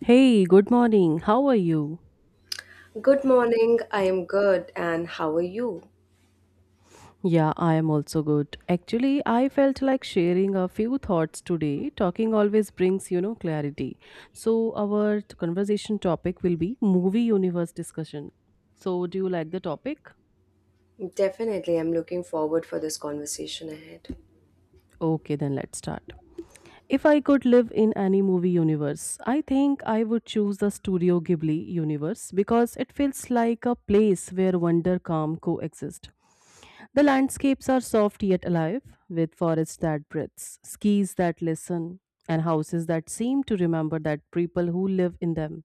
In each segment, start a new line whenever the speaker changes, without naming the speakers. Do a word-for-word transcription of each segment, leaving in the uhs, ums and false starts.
Hey, good morning. How are you?
Good morning. I am good. And how are you?
Yeah, I am also good. Actually, I felt like sharing a few thoughts today. Talking always brings, you know, clarity. So, our t- conversation topic will be movie universe discussion. So, do you like the topic?
Definitely, I'm looking forward for this conversation ahead.
Okay, then let's start. If I could live in any movie universe, I think I would choose the Studio Ghibli universe because it feels like a place where wonder calm coexist. The landscapes are soft yet alive, with forests that breathes, skis that listen, and houses that seem to remember that people who live in them.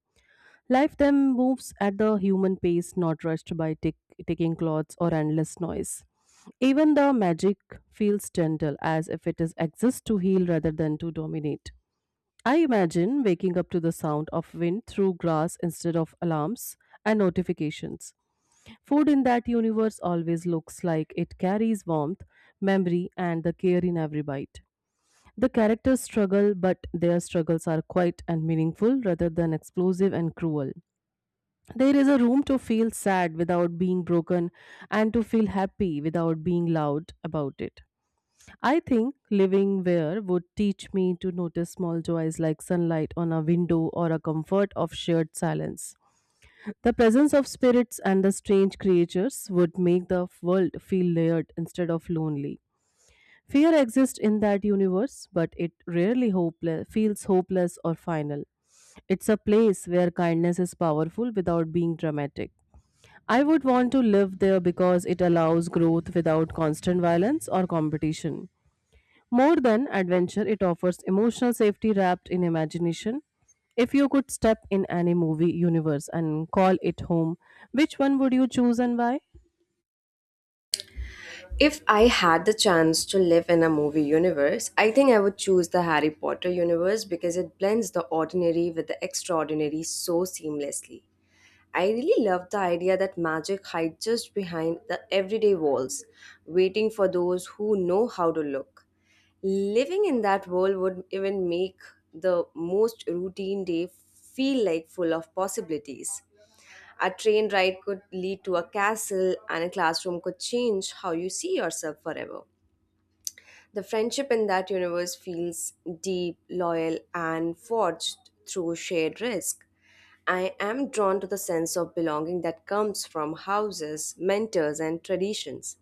Life then moves at the human pace, not rushed by tick- ticking clocks or endless noise. Even the magic feels gentle, as if it is exists to heal rather than to dominate. I imagine waking up to the sound of wind through grass instead of alarms and notifications. Food in that universe always looks like it carries warmth, memory, and the care in every bite. The characters struggle, but their struggles are quiet and meaningful rather than explosive and cruel. There is a room to feel sad without being broken and to feel happy without being loud about it. I think living where would teach me to notice small joys like sunlight on a window or a comfort of shared silence. The presence of spirits and the strange creatures would make the world feel layered instead of lonely. Fear exists in that universe, but it rarely hopeless, feels hopeless or final. It's a place where kindness is powerful without being dramatic. I would want to live there because it allows growth without constant violence or competition. More than adventure, it offers emotional safety wrapped in imagination. If you could step in any movie universe and call it home, which one would you choose and why?
If I had the chance to live in a movie universe, I think I would choose the Harry Potter universe because it blends the ordinary with the extraordinary so seamlessly. I really love the idea that magic hides just behind the everyday walls, waiting for those who know how to look. Living in that world would even make the most routine day feel like full of possibilities. A train ride could lead to a castle, and a classroom could change how you see yourself forever. The friendship in that universe feels deep, loyal, and forged through shared risk. I am drawn to the sense of belonging that comes from houses, mentors, and traditions.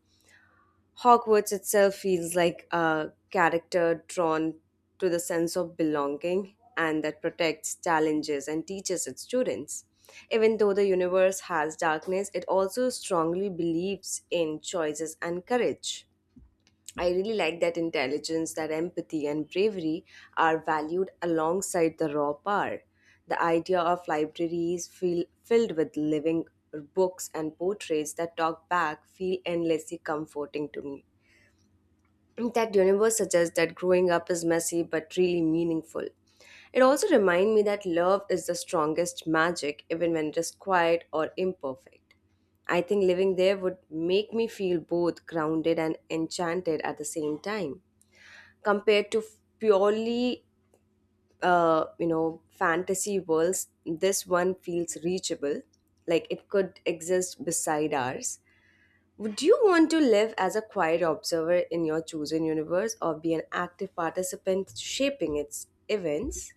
Hogwarts itself feels like a character drawn to the sense of belonging and that protects, challenges, and teaches its students. Even though the universe has darkness, it also strongly believes in choices and courage. I really like that intelligence, that empathy, and bravery are valued alongside the raw power. The idea of libraries feel, filled with living books and portraits that talk back feel endlessly comforting to me. That universe suggests that growing up is messy but really meaningful. It also reminds me that love is the strongest magic, even when it is quiet or imperfect. I think living there would make me feel both grounded and enchanted at the same time. Compared to purely, uh, you know, fantasy worlds, this one feels reachable, like it could exist beside ours. Would you want to live as a quiet observer in your chosen universe or be an active participant shaping its events?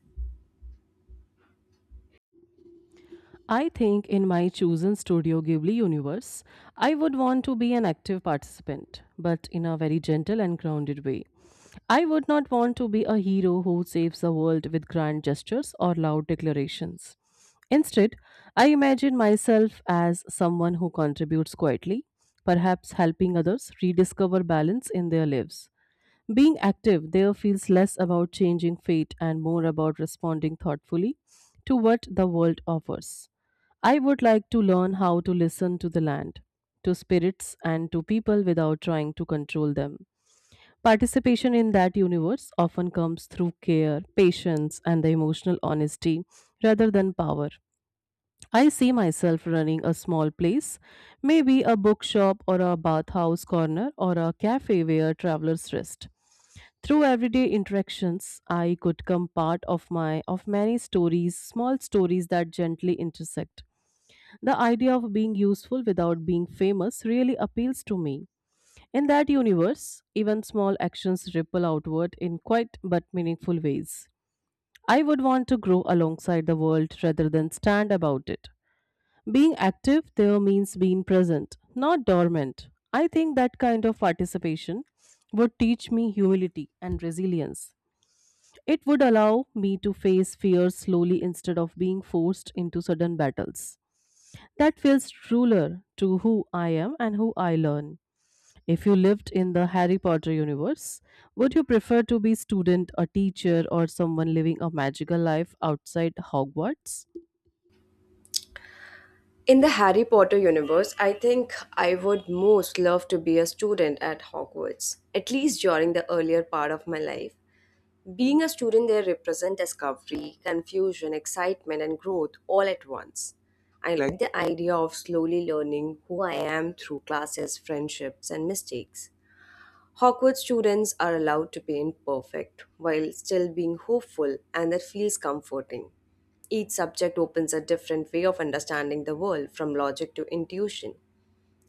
I think in my chosen Studio Ghibli universe, I would want to be an active participant, but in a very gentle and grounded way. I would not want to be a hero who saves the world with grand gestures or loud declarations. Instead, I imagine myself as someone who contributes quietly, perhaps helping others rediscover balance in their lives. Being active there feels less about changing fate and more about responding thoughtfully to what the world offers. I would like to learn how to listen to the land, to spirits, and to people without trying to control them. Participation in that universe often comes through care, patience, and the emotional honesty rather than power. I see myself running a small place, maybe a bookshop or a bathhouse corner or a cafe where travelers rest. Through everyday interactions, I could come part of my of many stories, small stories that gently intersect. The idea of being useful without being famous really appeals to me. In that universe, even small actions ripple outward in quite but meaningful ways. I would want to grow alongside the world rather than stand about it. Being active there means being present, not dormant. I think that kind of participation would teach me humility and resilience. It would allow me to face fears slowly instead of being forced into sudden battles. That feels truer to who I am and who I learn. If you lived in the Harry Potter universe, would you prefer to be student, a teacher, or someone living a magical life outside Hogwarts?
In the Harry Potter universe, I think I would most love to be a student at Hogwarts, at least during the earlier part of my life. Being a student there represents discovery, confusion, excitement, and growth all at once. I like the idea of slowly learning who I am through classes, friendships, and mistakes. Hawkwood students are allowed to paint perfect while still being hopeful, and that feels comforting. Each subject opens a different way of understanding the world, from logic to intuition.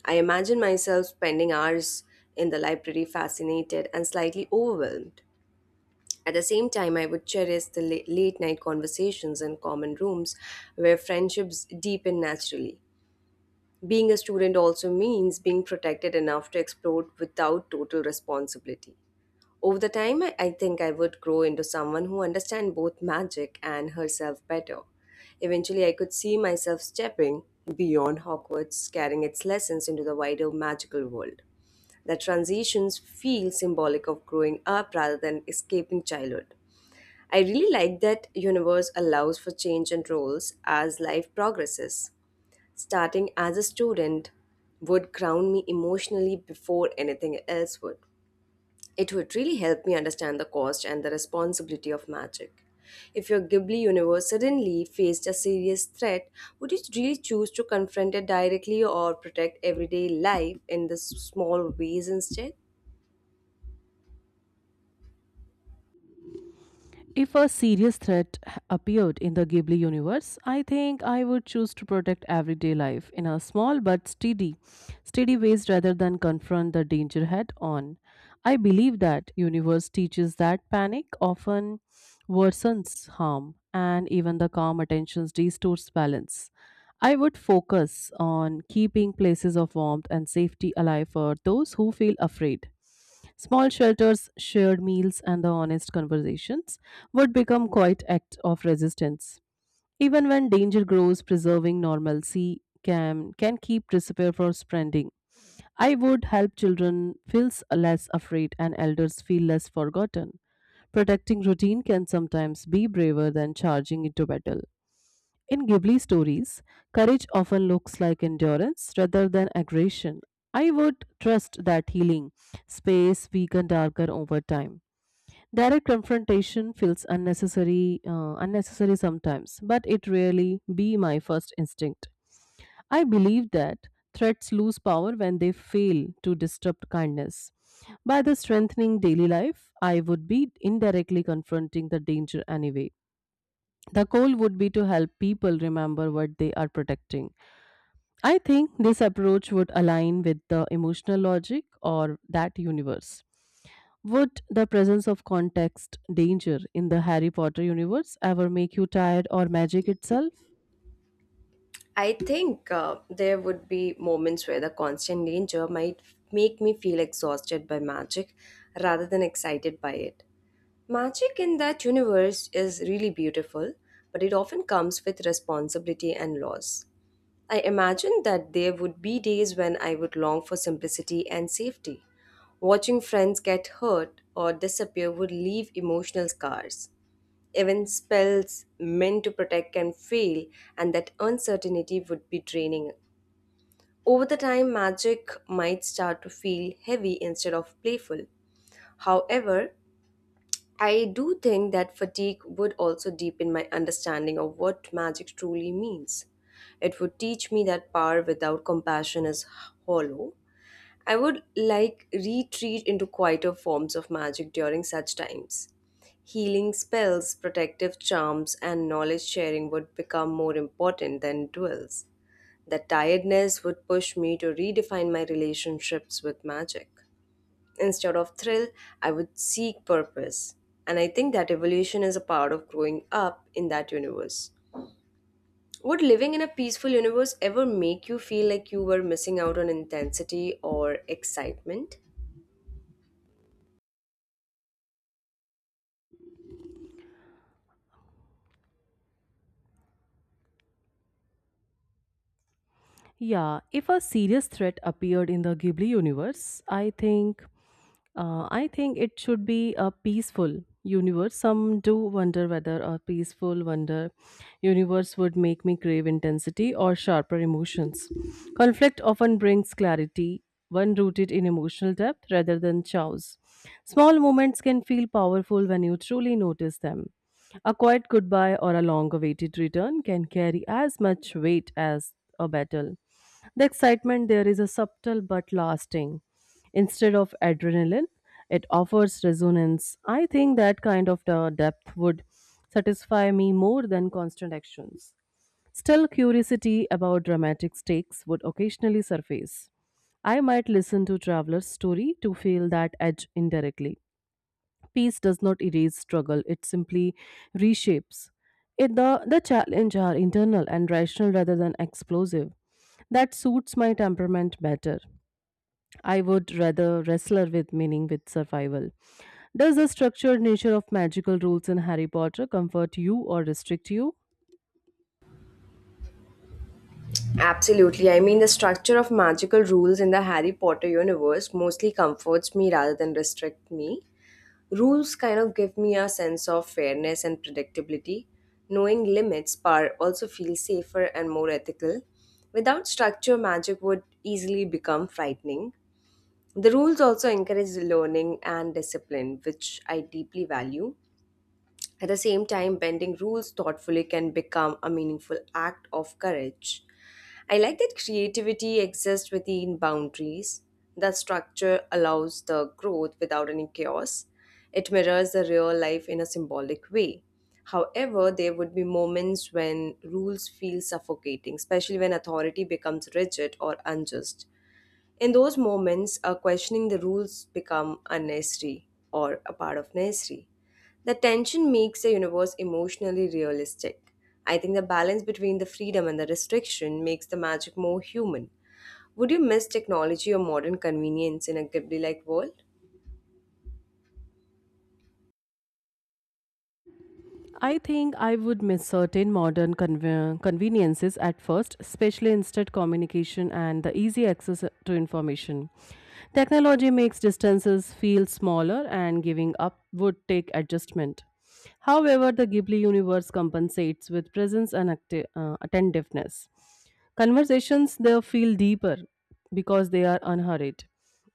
I imagine myself spending hours in the library fascinated and slightly overwhelmed. At the same time, I would cherish the la- late night conversations in common rooms where friendships deepen naturally. Being a student also means being protected enough to explore without total responsibility. Over the time, I I think I would grow into someone who understands both magic and herself better. Eventually, I could see myself stepping beyond Hogwarts, carrying its lessons into the wider magical world. The transitions feel symbolic of growing up rather than escaping childhood. I really like that universe allows for change and roles as life progresses. Starting as a student would ground me emotionally before anything else would. It would really help me understand the cost and the responsibility of magic. If your Ghibli universe suddenly faced a serious threat, would you really choose to confront it directly or protect everyday life in the s- small ways instead?
If a serious threat appeared in the Ghibli universe, I think I would choose to protect everyday life in a small but steady, steady ways rather than confront the danger head on. I believe that universe teaches that panic often worsens harm and even the calm attention restores balance. I would focus on keeping places of warmth and safety alive for those who feel afraid. Small shelters, shared meals, and the honest conversations would become quite act of resistance. Even when danger grows, preserving normalcy can can keep despair from spreading. I would help children feel less afraid and elders feel less forgotten. Protecting routine can sometimes be braver than charging into battle. In Ghibli stories, courage often looks like endurance rather than aggression. I would trust that healing space weakened darker over time. Direct confrontation feels unnecessary, uh, unnecessary sometimes, but it rarely be my first instinct. I believe that threats lose power when they fail to disrupt kindness. By the strengthening daily life, I would be indirectly confronting the danger anyway. The goal would be to help people remember what they are protecting. I think this approach would align with the emotional logic or that universe. Would the presence of context danger in the Harry Potter universe ever make you tired or magic itself?
I think uh, there would be moments where the constant danger might make me feel exhausted by magic rather than excited by it. Magic in that universe is really beautiful, but it often comes with responsibility and loss. I imagined that there would be days when I would long for simplicity and safety. Watching friends get hurt or disappear would leave emotional scars. Even spells meant to protect can fail, and that uncertainty would be draining. Over the time, magic might start to feel heavy instead of playful. However, I do think that fatigue would also deepen my understanding of what magic truly means. It would teach me that power without compassion is hollow. I would like retreat into quieter forms of magic during such times. Healing spells, protective charms, and knowledge sharing would become more important than duels. The tiredness would push me to redefine my relationships with magic. Instead of thrill, I would seek purpose. And I think that evolution is a part of growing up in that universe. Would living in a peaceful universe ever make you feel like you were missing out on intensity or excitement?
Yeah, if a serious threat appeared in the Ghibli universe, I think uh, I think it should be a peaceful universe. Some do wonder whether a peaceful wonder universe would make me crave intensity or sharper emotions. Conflict often brings clarity, one rooted in emotional depth rather than chaos. Small moments can feel powerful when you truly notice them. A quiet goodbye or a long awaited return can carry as much weight as a battle. The excitement there is a subtle but lasting. Instead of adrenaline, it offers resonance. I think that kind of the depth would satisfy me more than constant actions. Still, curiosity about dramatic stakes would occasionally surface. I might listen to traveler's story to feel that edge indirectly. Peace does not erase struggle, it simply reshapes it. The, the challenge are internal and rational rather than explosive. That suits my temperament better. I would rather wrestle with meaning, with survival. Does the structured nature of magical rules in Harry Potter comfort you or restrict you?
Absolutely. I mean, the structure of magical rules in the Harry Potter universe mostly comforts me rather than restrict me. Rules kind of give me a sense of fairness and predictability. Knowing limits par also feels safer and more ethical. Without structure, magic would easily become frightening. The rules also encourage learning and discipline, which I deeply value. At the same time, bending rules thoughtfully can become a meaningful act of courage. I like that creativity exists within boundaries. The structure allows the growth without any chaos. It mirrors the real life in a symbolic way. However, there would be moments when rules feel suffocating, especially when authority becomes rigid or unjust. In those moments, uh, questioning the rules become unnecessary or a part of necessary. The tension makes the universe emotionally realistic. I think the balance between the freedom and the restriction makes the magic more human. Would you miss technology or modern convenience in a Ghibli like world?
I think I would miss certain modern conve- conveniences at first, especially instant communication and the easy access to information. Technology makes distances feel smaller and giving up would take adjustment. However, the Ghibli universe compensates with presence and acti- uh, attentiveness. Conversations there feel deeper because they are unhurried.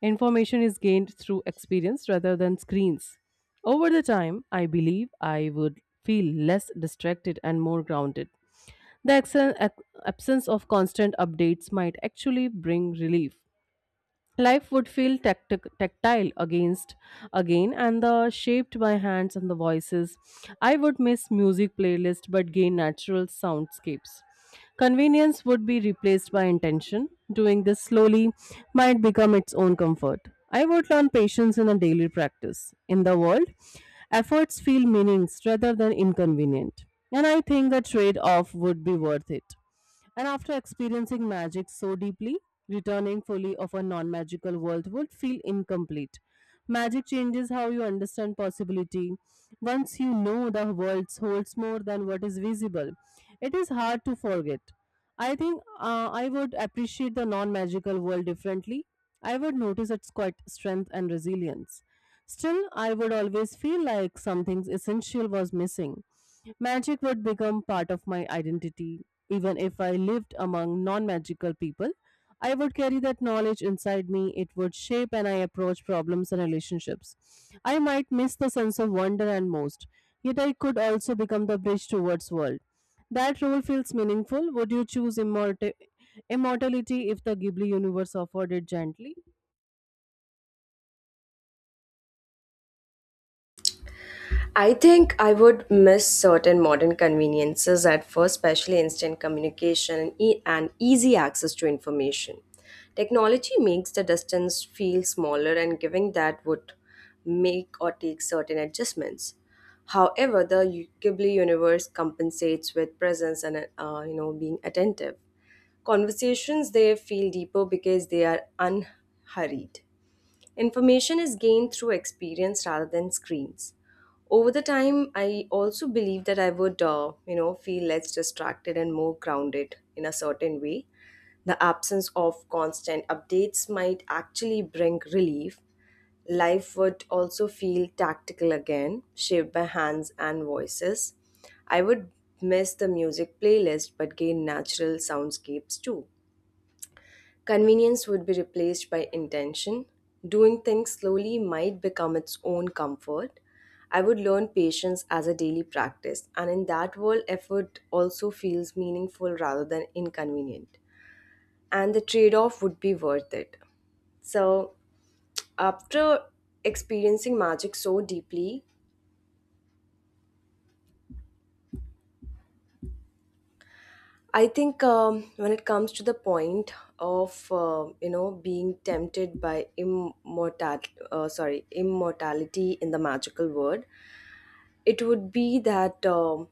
Information is gained through experience rather than screens. Over the time, I believe I would feel less distracted and more grounded. The ex- absence of constant updates might actually bring relief. Life would feel tactic tactile against again and the shaped by hands and the voices. I would miss music playlists, but gain natural soundscapes. Convenience would be replaced by intention. Doing this slowly might become its own comfort. I would learn patience in a daily practice. In the world, efforts feel meanings rather than inconvenient. And I think the trade off would be worth it. And after experiencing magic so deeply, returning fully of a non magical world would feel incomplete. Magic changes how you understand possibility. Once you know the world holds more than what is visible, it is hard to forget. I think uh, I would appreciate the non magical world differently. I would notice its quite strength and resilience. Still, I would always feel like something essential was missing. Magic would become part of my identity, even if I lived among non magical people, I would carry that knowledge inside me. It would shape and I approach problems and relationships. I might miss the sense of wonder and most, yet I could also become the bridge towards world. That role feels meaningful. Would you choose immorta- immortality if the Ghibli universe offered it gently?
I think I would miss certain modern conveniences at first, especially instant communication and e- and easy access to information. Technology makes the distance feel smaller, and giving that would make or take certain adjustments. However, the u- Ghibli universe compensates with presence and uh, you know being attentive. Conversations they feel deeper because they are unhurried. Information is gained through experience rather than screens. Over the time, I also believe that I would, uh, you know, feel less distracted and more grounded in a certain way. The absence of constant updates might actually bring relief. Life would also feel tactical again, shaped by hands and voices. I would miss the music playlist but gain natural soundscapes too. Convenience would be replaced by intention. Doing things slowly might become its own comfort. I would learn patience as a daily practice, and in that world, effort also feels meaningful rather than inconvenient. And the trade off would be worth it. So, after experiencing magic so deeply, I think um, when it comes to the point of uh, you know being tempted by immortal, uh, sorry, immortality in the magical world, it would be that um,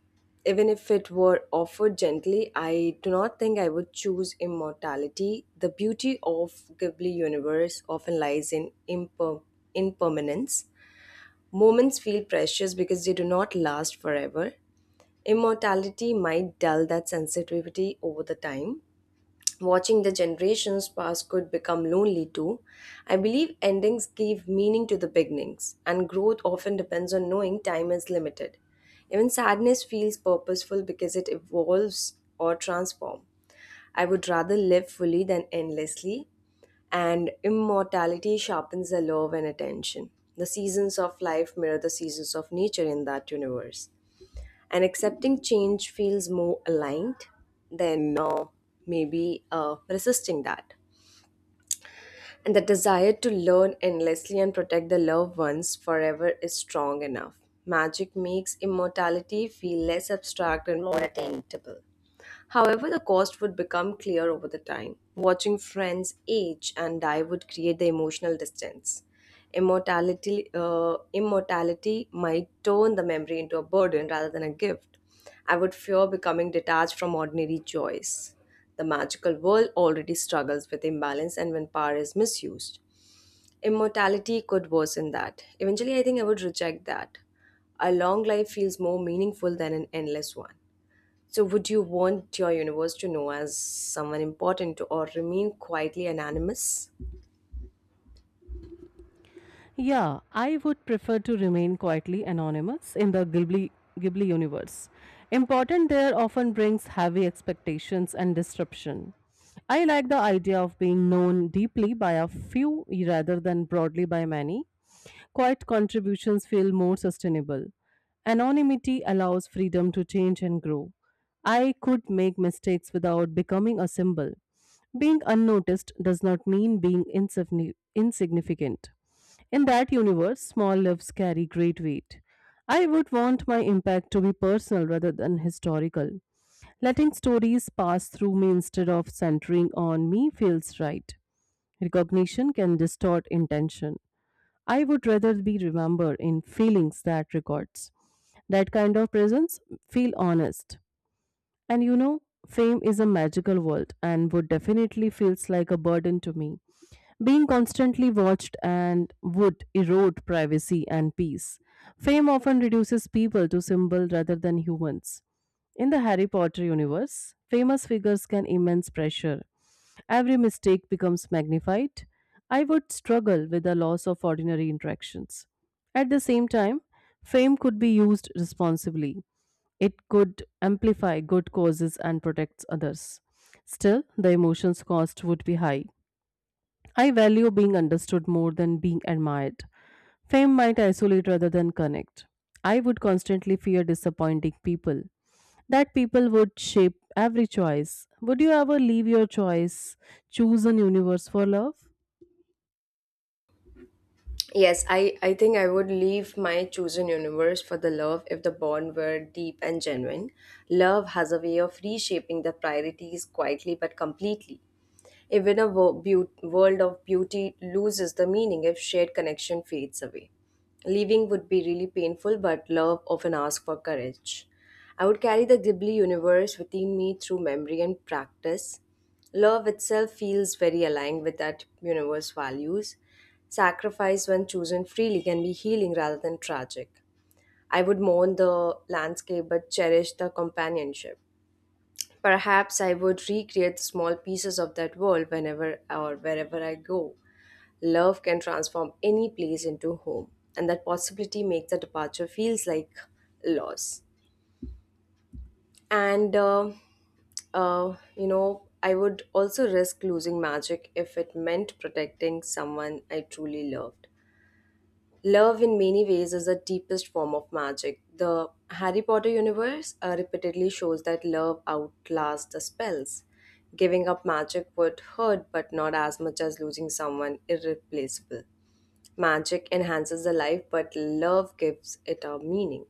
even if it were offered gently, I do not think I would choose immortality. The beauty of Ghibli universe often lies in imper- impermanence. Moments feel precious because they do not last forever. Immortality might dull that sensitivity over the time. Watching the generations pass could become lonely too. I believe endings give meaning to the beginnings, and growth often depends on knowing time is limited. Even sadness feels purposeful because it evolves or transforms. I would rather live fully than endlessly, and immortality sharpens the love and attention. The seasons of life mirror the seasons of nature in that universe and accepting change feels more aligned than uh, maybe uh, resisting that. And the desire to learn endlessly and protect the loved ones forever is strong enough. Magic makes immortality feel less abstract and more attainable. However, the cost would become clear over the time. Watching friends age and die would create the emotional distance. Immortality, uh, immortality might turn the memory into a burden rather than a gift. I would fear becoming detached from ordinary joys. The magical world already struggles with imbalance and when power is misused. Immortality could worsen that. Eventually, I think I would reject that. A long life feels more meaningful than an endless one. So, would you want your universe to know as someone important or remain quietly anonymous?
Yeah, I would prefer to remain quietly anonymous in the Ghibli, Ghibli universe. Important there often brings heavy expectations and disruption. I like the idea of being known deeply by a few rather than broadly by many. Quiet contributions feel more sustainable. Anonymity allows freedom to change and grow. I could make mistakes without becoming a symbol. Being unnoticed does not mean being insifni- insignificant. In that universe, small lives carry great weight. I would want my impact to be personal rather than historical. Letting stories pass through me instead of centering on me feels right. Recognition can distort intention. I would rather be remembered in feelings that records. That kind of presence feel honest. And you know, fame is a magical world and would definitely feels like a burden to me. Being constantly watched and would erode privacy and peace. Fame often reduces people to symbol rather than humans. In the Harry Potter universe, famous figures can immense pressure. Every mistake becomes magnified. I would struggle with the loss of ordinary interactions. At the same time, fame could be used responsibly. It could amplify good causes and protect others. Still, the emotions cost would be high. I value being understood more than being admired. Fame might isolate rather than connect. I would constantly fear disappointing people. That people would shape every choice. Would you ever leave your choice, choose an universe for love?
Yes, I, I think I would leave my chosen universe for the love if the bond were deep and genuine. Love has a way of reshaping the priorities quietly but completely. Even a wo- beau- world of beauty loses the meaning if shared connection fades away. Leaving would be really painful, but love often asks for courage. I would carry the Ghibli universe within me through memory and practice. Love itself feels very aligned with that universe values. Sacrifice, when chosen freely, can be healing rather than tragic. I would mourn the landscape but cherish the companionship. Perhaps I would recreate small pieces of that world whenever or wherever I go. Love can transform any place into home, and that possibility makes the departure feels like loss. And uh, uh, you know, I would also risk losing magic if it meant protecting someone I truly loved. Love, in many ways, is the deepest form of magic. The Harry Potter universe uh, repeatedly shows that love outlasts the spells. Giving up magic would hurt, but not as much as losing someone irreplaceable. Magic enhances the life, but love gives it a meaning.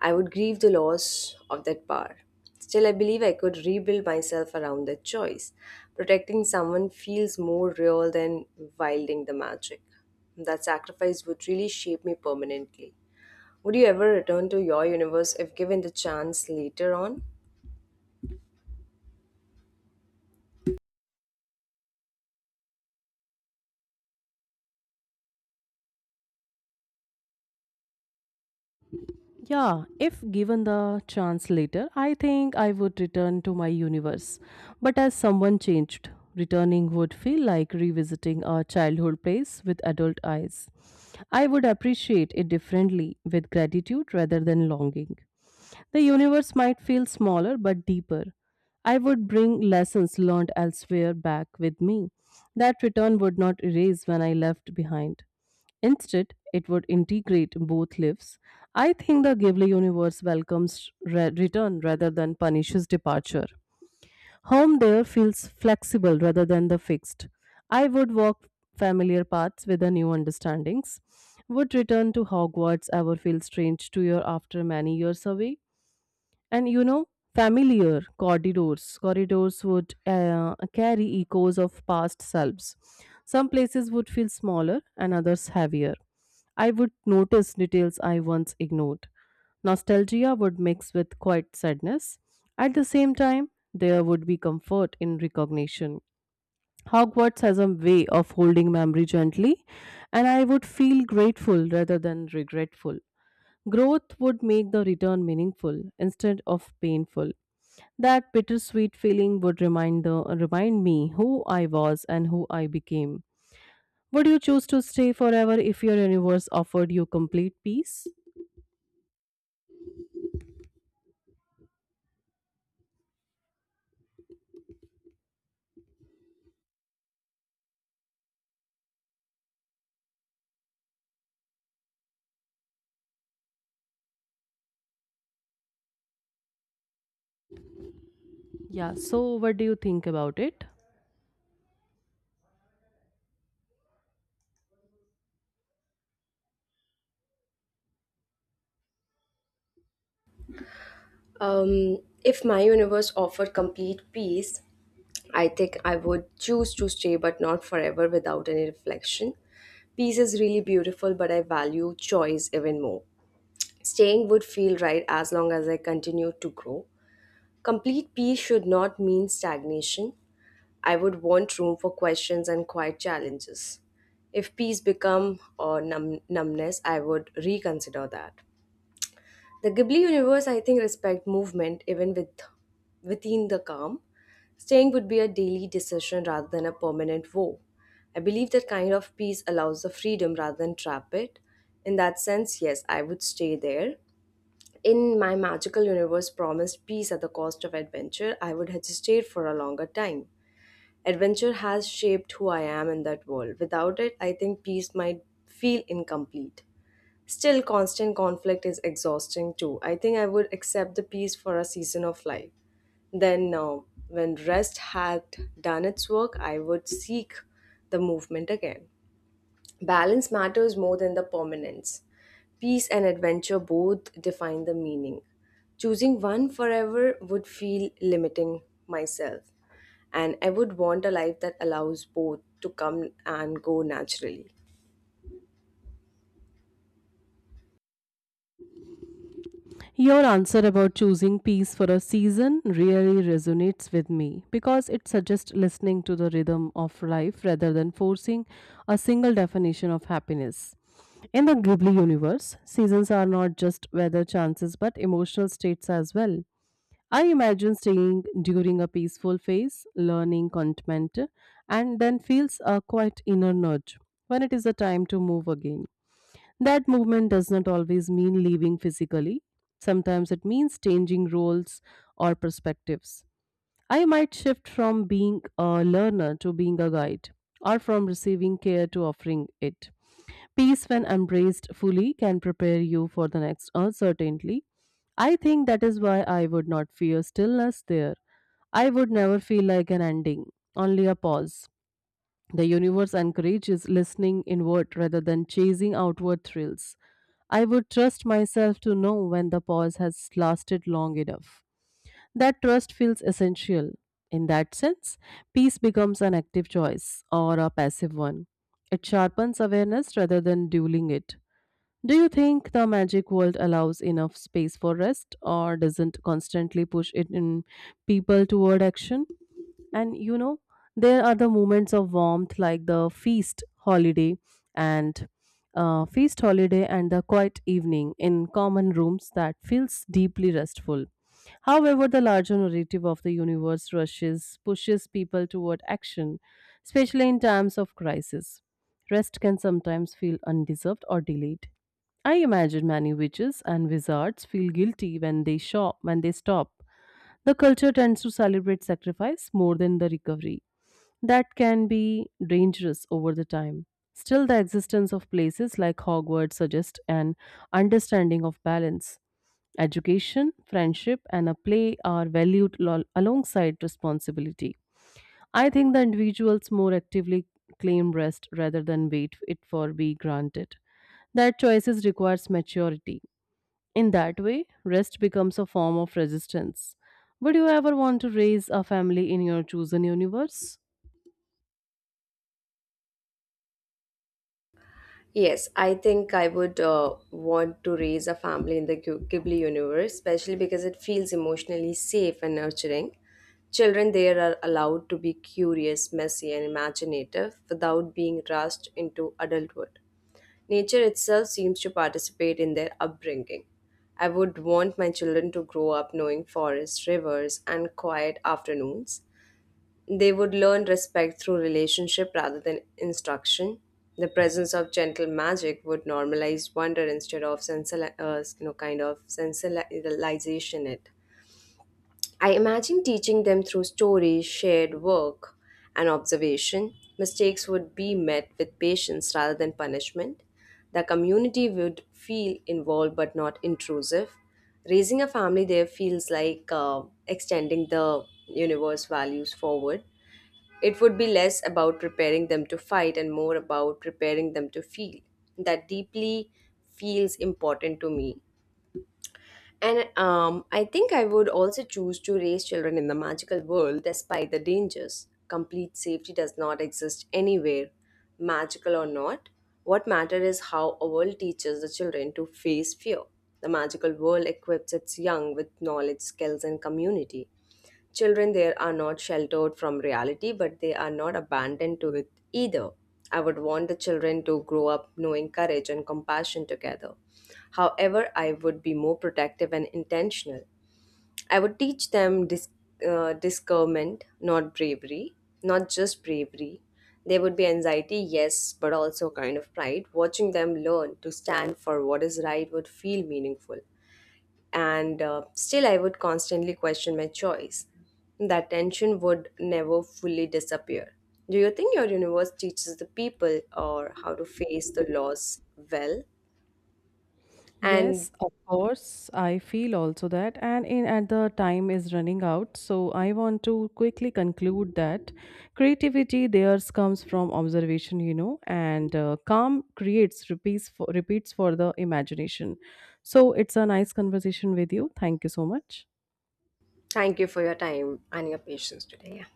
I would grieve the loss of that power. Still, I believe I could rebuild myself around that choice. Protecting someone feels more real than wielding the magic. That sacrifice would really shape me permanently. Would you ever return to your universe if given the chance later on?
Yeah, if given the chance later, I think I would return to my universe. But as someone changed, returning would feel like revisiting a childhood place with adult eyes. I would appreciate it differently with gratitude rather than longing. The universe might feel smaller but deeper. I would bring lessons learned elsewhere back with me that return would not erase when I left behind. Instead, it would integrate both lives. I think the Ghibli universe welcomes re- return rather than punishes departure. Home there feels flexible rather than the fixed. I would walk familiar paths with the new understandings. Would return to Hogwarts ever feel strange to you after many years away? and you know familiar corridors corridors would uh, carry echoes of past selves. Some places would feel smaller and others heavier. I would notice details I once ignored. Nostalgia would mix with quiet sadness. At the same time, there would be comfort in recognition. Hogwarts has a way of holding memory gently, and I would feel grateful rather than regretful. Growth would make the return meaningful instead of painful. That bittersweet feeling would remind the remind me who I was and who I became. Would you choose to stay forever if your universe offered you complete peace? Yeah, so what do you think about it?
Um, if my universe offered complete peace, I think I would choose to stay, but not forever without any reflection. Peace is really beautiful, but I value choice even more. Staying would feel right as long as I continue to grow. Complete peace should not mean stagnation. I would want room for questions and quiet challenges. If peace become or numb- numbness, I would reconsider that. The Ghibli universe, I think, respect movement even with within the calm. Staying would be a daily decision rather than a permanent woe. I believe that kind of peace allows the freedom rather than trap it. In that sense, yes, I would stay there. In my magical universe promised peace at the cost of adventure, I would have stayed for a longer time. Adventure has shaped who I am in that world. Without it, I think peace might feel incomplete. Still, constant conflict is exhausting too. I think I would accept the peace for a season of life. Then, uh, when rest had done its work, I would seek the movement again. Balance matters more than the permanence. Peace and adventure both define the meaning. Choosing one forever would feel limiting myself, and I would want a life that allows both to come and go naturally.
Your answer about choosing peace for a season really resonates with me, because it suggests listening to the rhythm of life rather than forcing a single definition of happiness. In the Ghibli universe, seasons are not just weather chances but emotional states as well. I imagine staying during a peaceful phase, learning contentment, and then feels a quiet inner nudge when it is a time to move again. That movement does not always mean leaving physically. Sometimes it means changing roles or perspectives. I might shift from being a learner to being a guide, or from receiving care to offering it. Peace, when embraced fully, can prepare you for the next uncertainty. I think that is why I would not fear stillness there. I would never feel like an ending, only a pause. The universe encourages listening inward rather than chasing outward thrills. I would trust myself to know when the pause has lasted long enough. That trust feels essential. In that sense, peace becomes an active choice or a passive one. It sharpens awareness rather than dueling it. Do you think the magic world allows enough space for rest, or doesn't constantly push it in people toward action? And you know, there are the moments of warmth like the feast holiday and uh, feast holiday, and the quiet evening in common rooms that feels deeply restful. However, the larger narrative of the universe rushes, pushes people toward action, especially in times of crisis. Rest can sometimes feel undeserved or delayed. I imagine many witches and wizards feel guilty when they shop when they stop. The culture tends to celebrate sacrifice more than the recovery. That can be dangerous over the time. Still, the existence of places like Hogwarts suggests an understanding of balance. Education, friendship, and a play are valued lo- alongside responsibility. I think the individuals more actively claim rest rather than wait it for be granted. That choices requires maturity. In that way, rest becomes a form of resistance. Would you ever want to raise a family in your chosen universe?
Yes, I think I would uh, want to raise a family in the Ghib- Ghibli universe, especially because it feels emotionally safe and nurturing. Children there are allowed to be curious, messy, and imaginative without being rushed into adulthood. Nature itself seems to participate in their upbringing. I would want my children to grow up knowing forests, rivers, and quiet afternoons they would learn respect through relationship rather than instruction. The presence of gentle magic would normalize wonder instead of sensual, uh, you know, kind of sensationalization it. I imagine teaching them through stories, shared work, and observation. Mistakes would be met with patience rather than punishment. The community would feel involved but not intrusive. Raising a family there feels like uh, extending the universe values forward. It would be less about preparing them to fight and more about preparing them to feel. That deeply feels important to me. And um, I think I would also choose to raise children in the magical world despite the dangers. Complete safety does not exist anywhere, magical or not. What matters is how a world teaches the children to face fear. The magical world equips its young with knowledge, skills, and community. Children there are not sheltered from reality, but they are not abandoned to it either. I would want the children to grow up knowing courage and compassion together. However, I would be more protective and intentional. I would teach them dis- uh, discernment, not bravery, not just bravery. There would be anxiety, yes, but also kind of pride. Watching them learn to stand for what is right would feel meaningful and uh, still I would constantly question my choice. That tension would never fully disappear. Do you think your universe teaches the people or how to face the loss well? And
Yes, of course. I feel also that, and in at the time is running out, so I want to quickly conclude that creativity theirs comes from observation, you know, and uh, calm creates repeats for, repeats for the imagination. So it's a nice conversation with you. Thank you so much.
thank you for your time and your patience today. Yeah.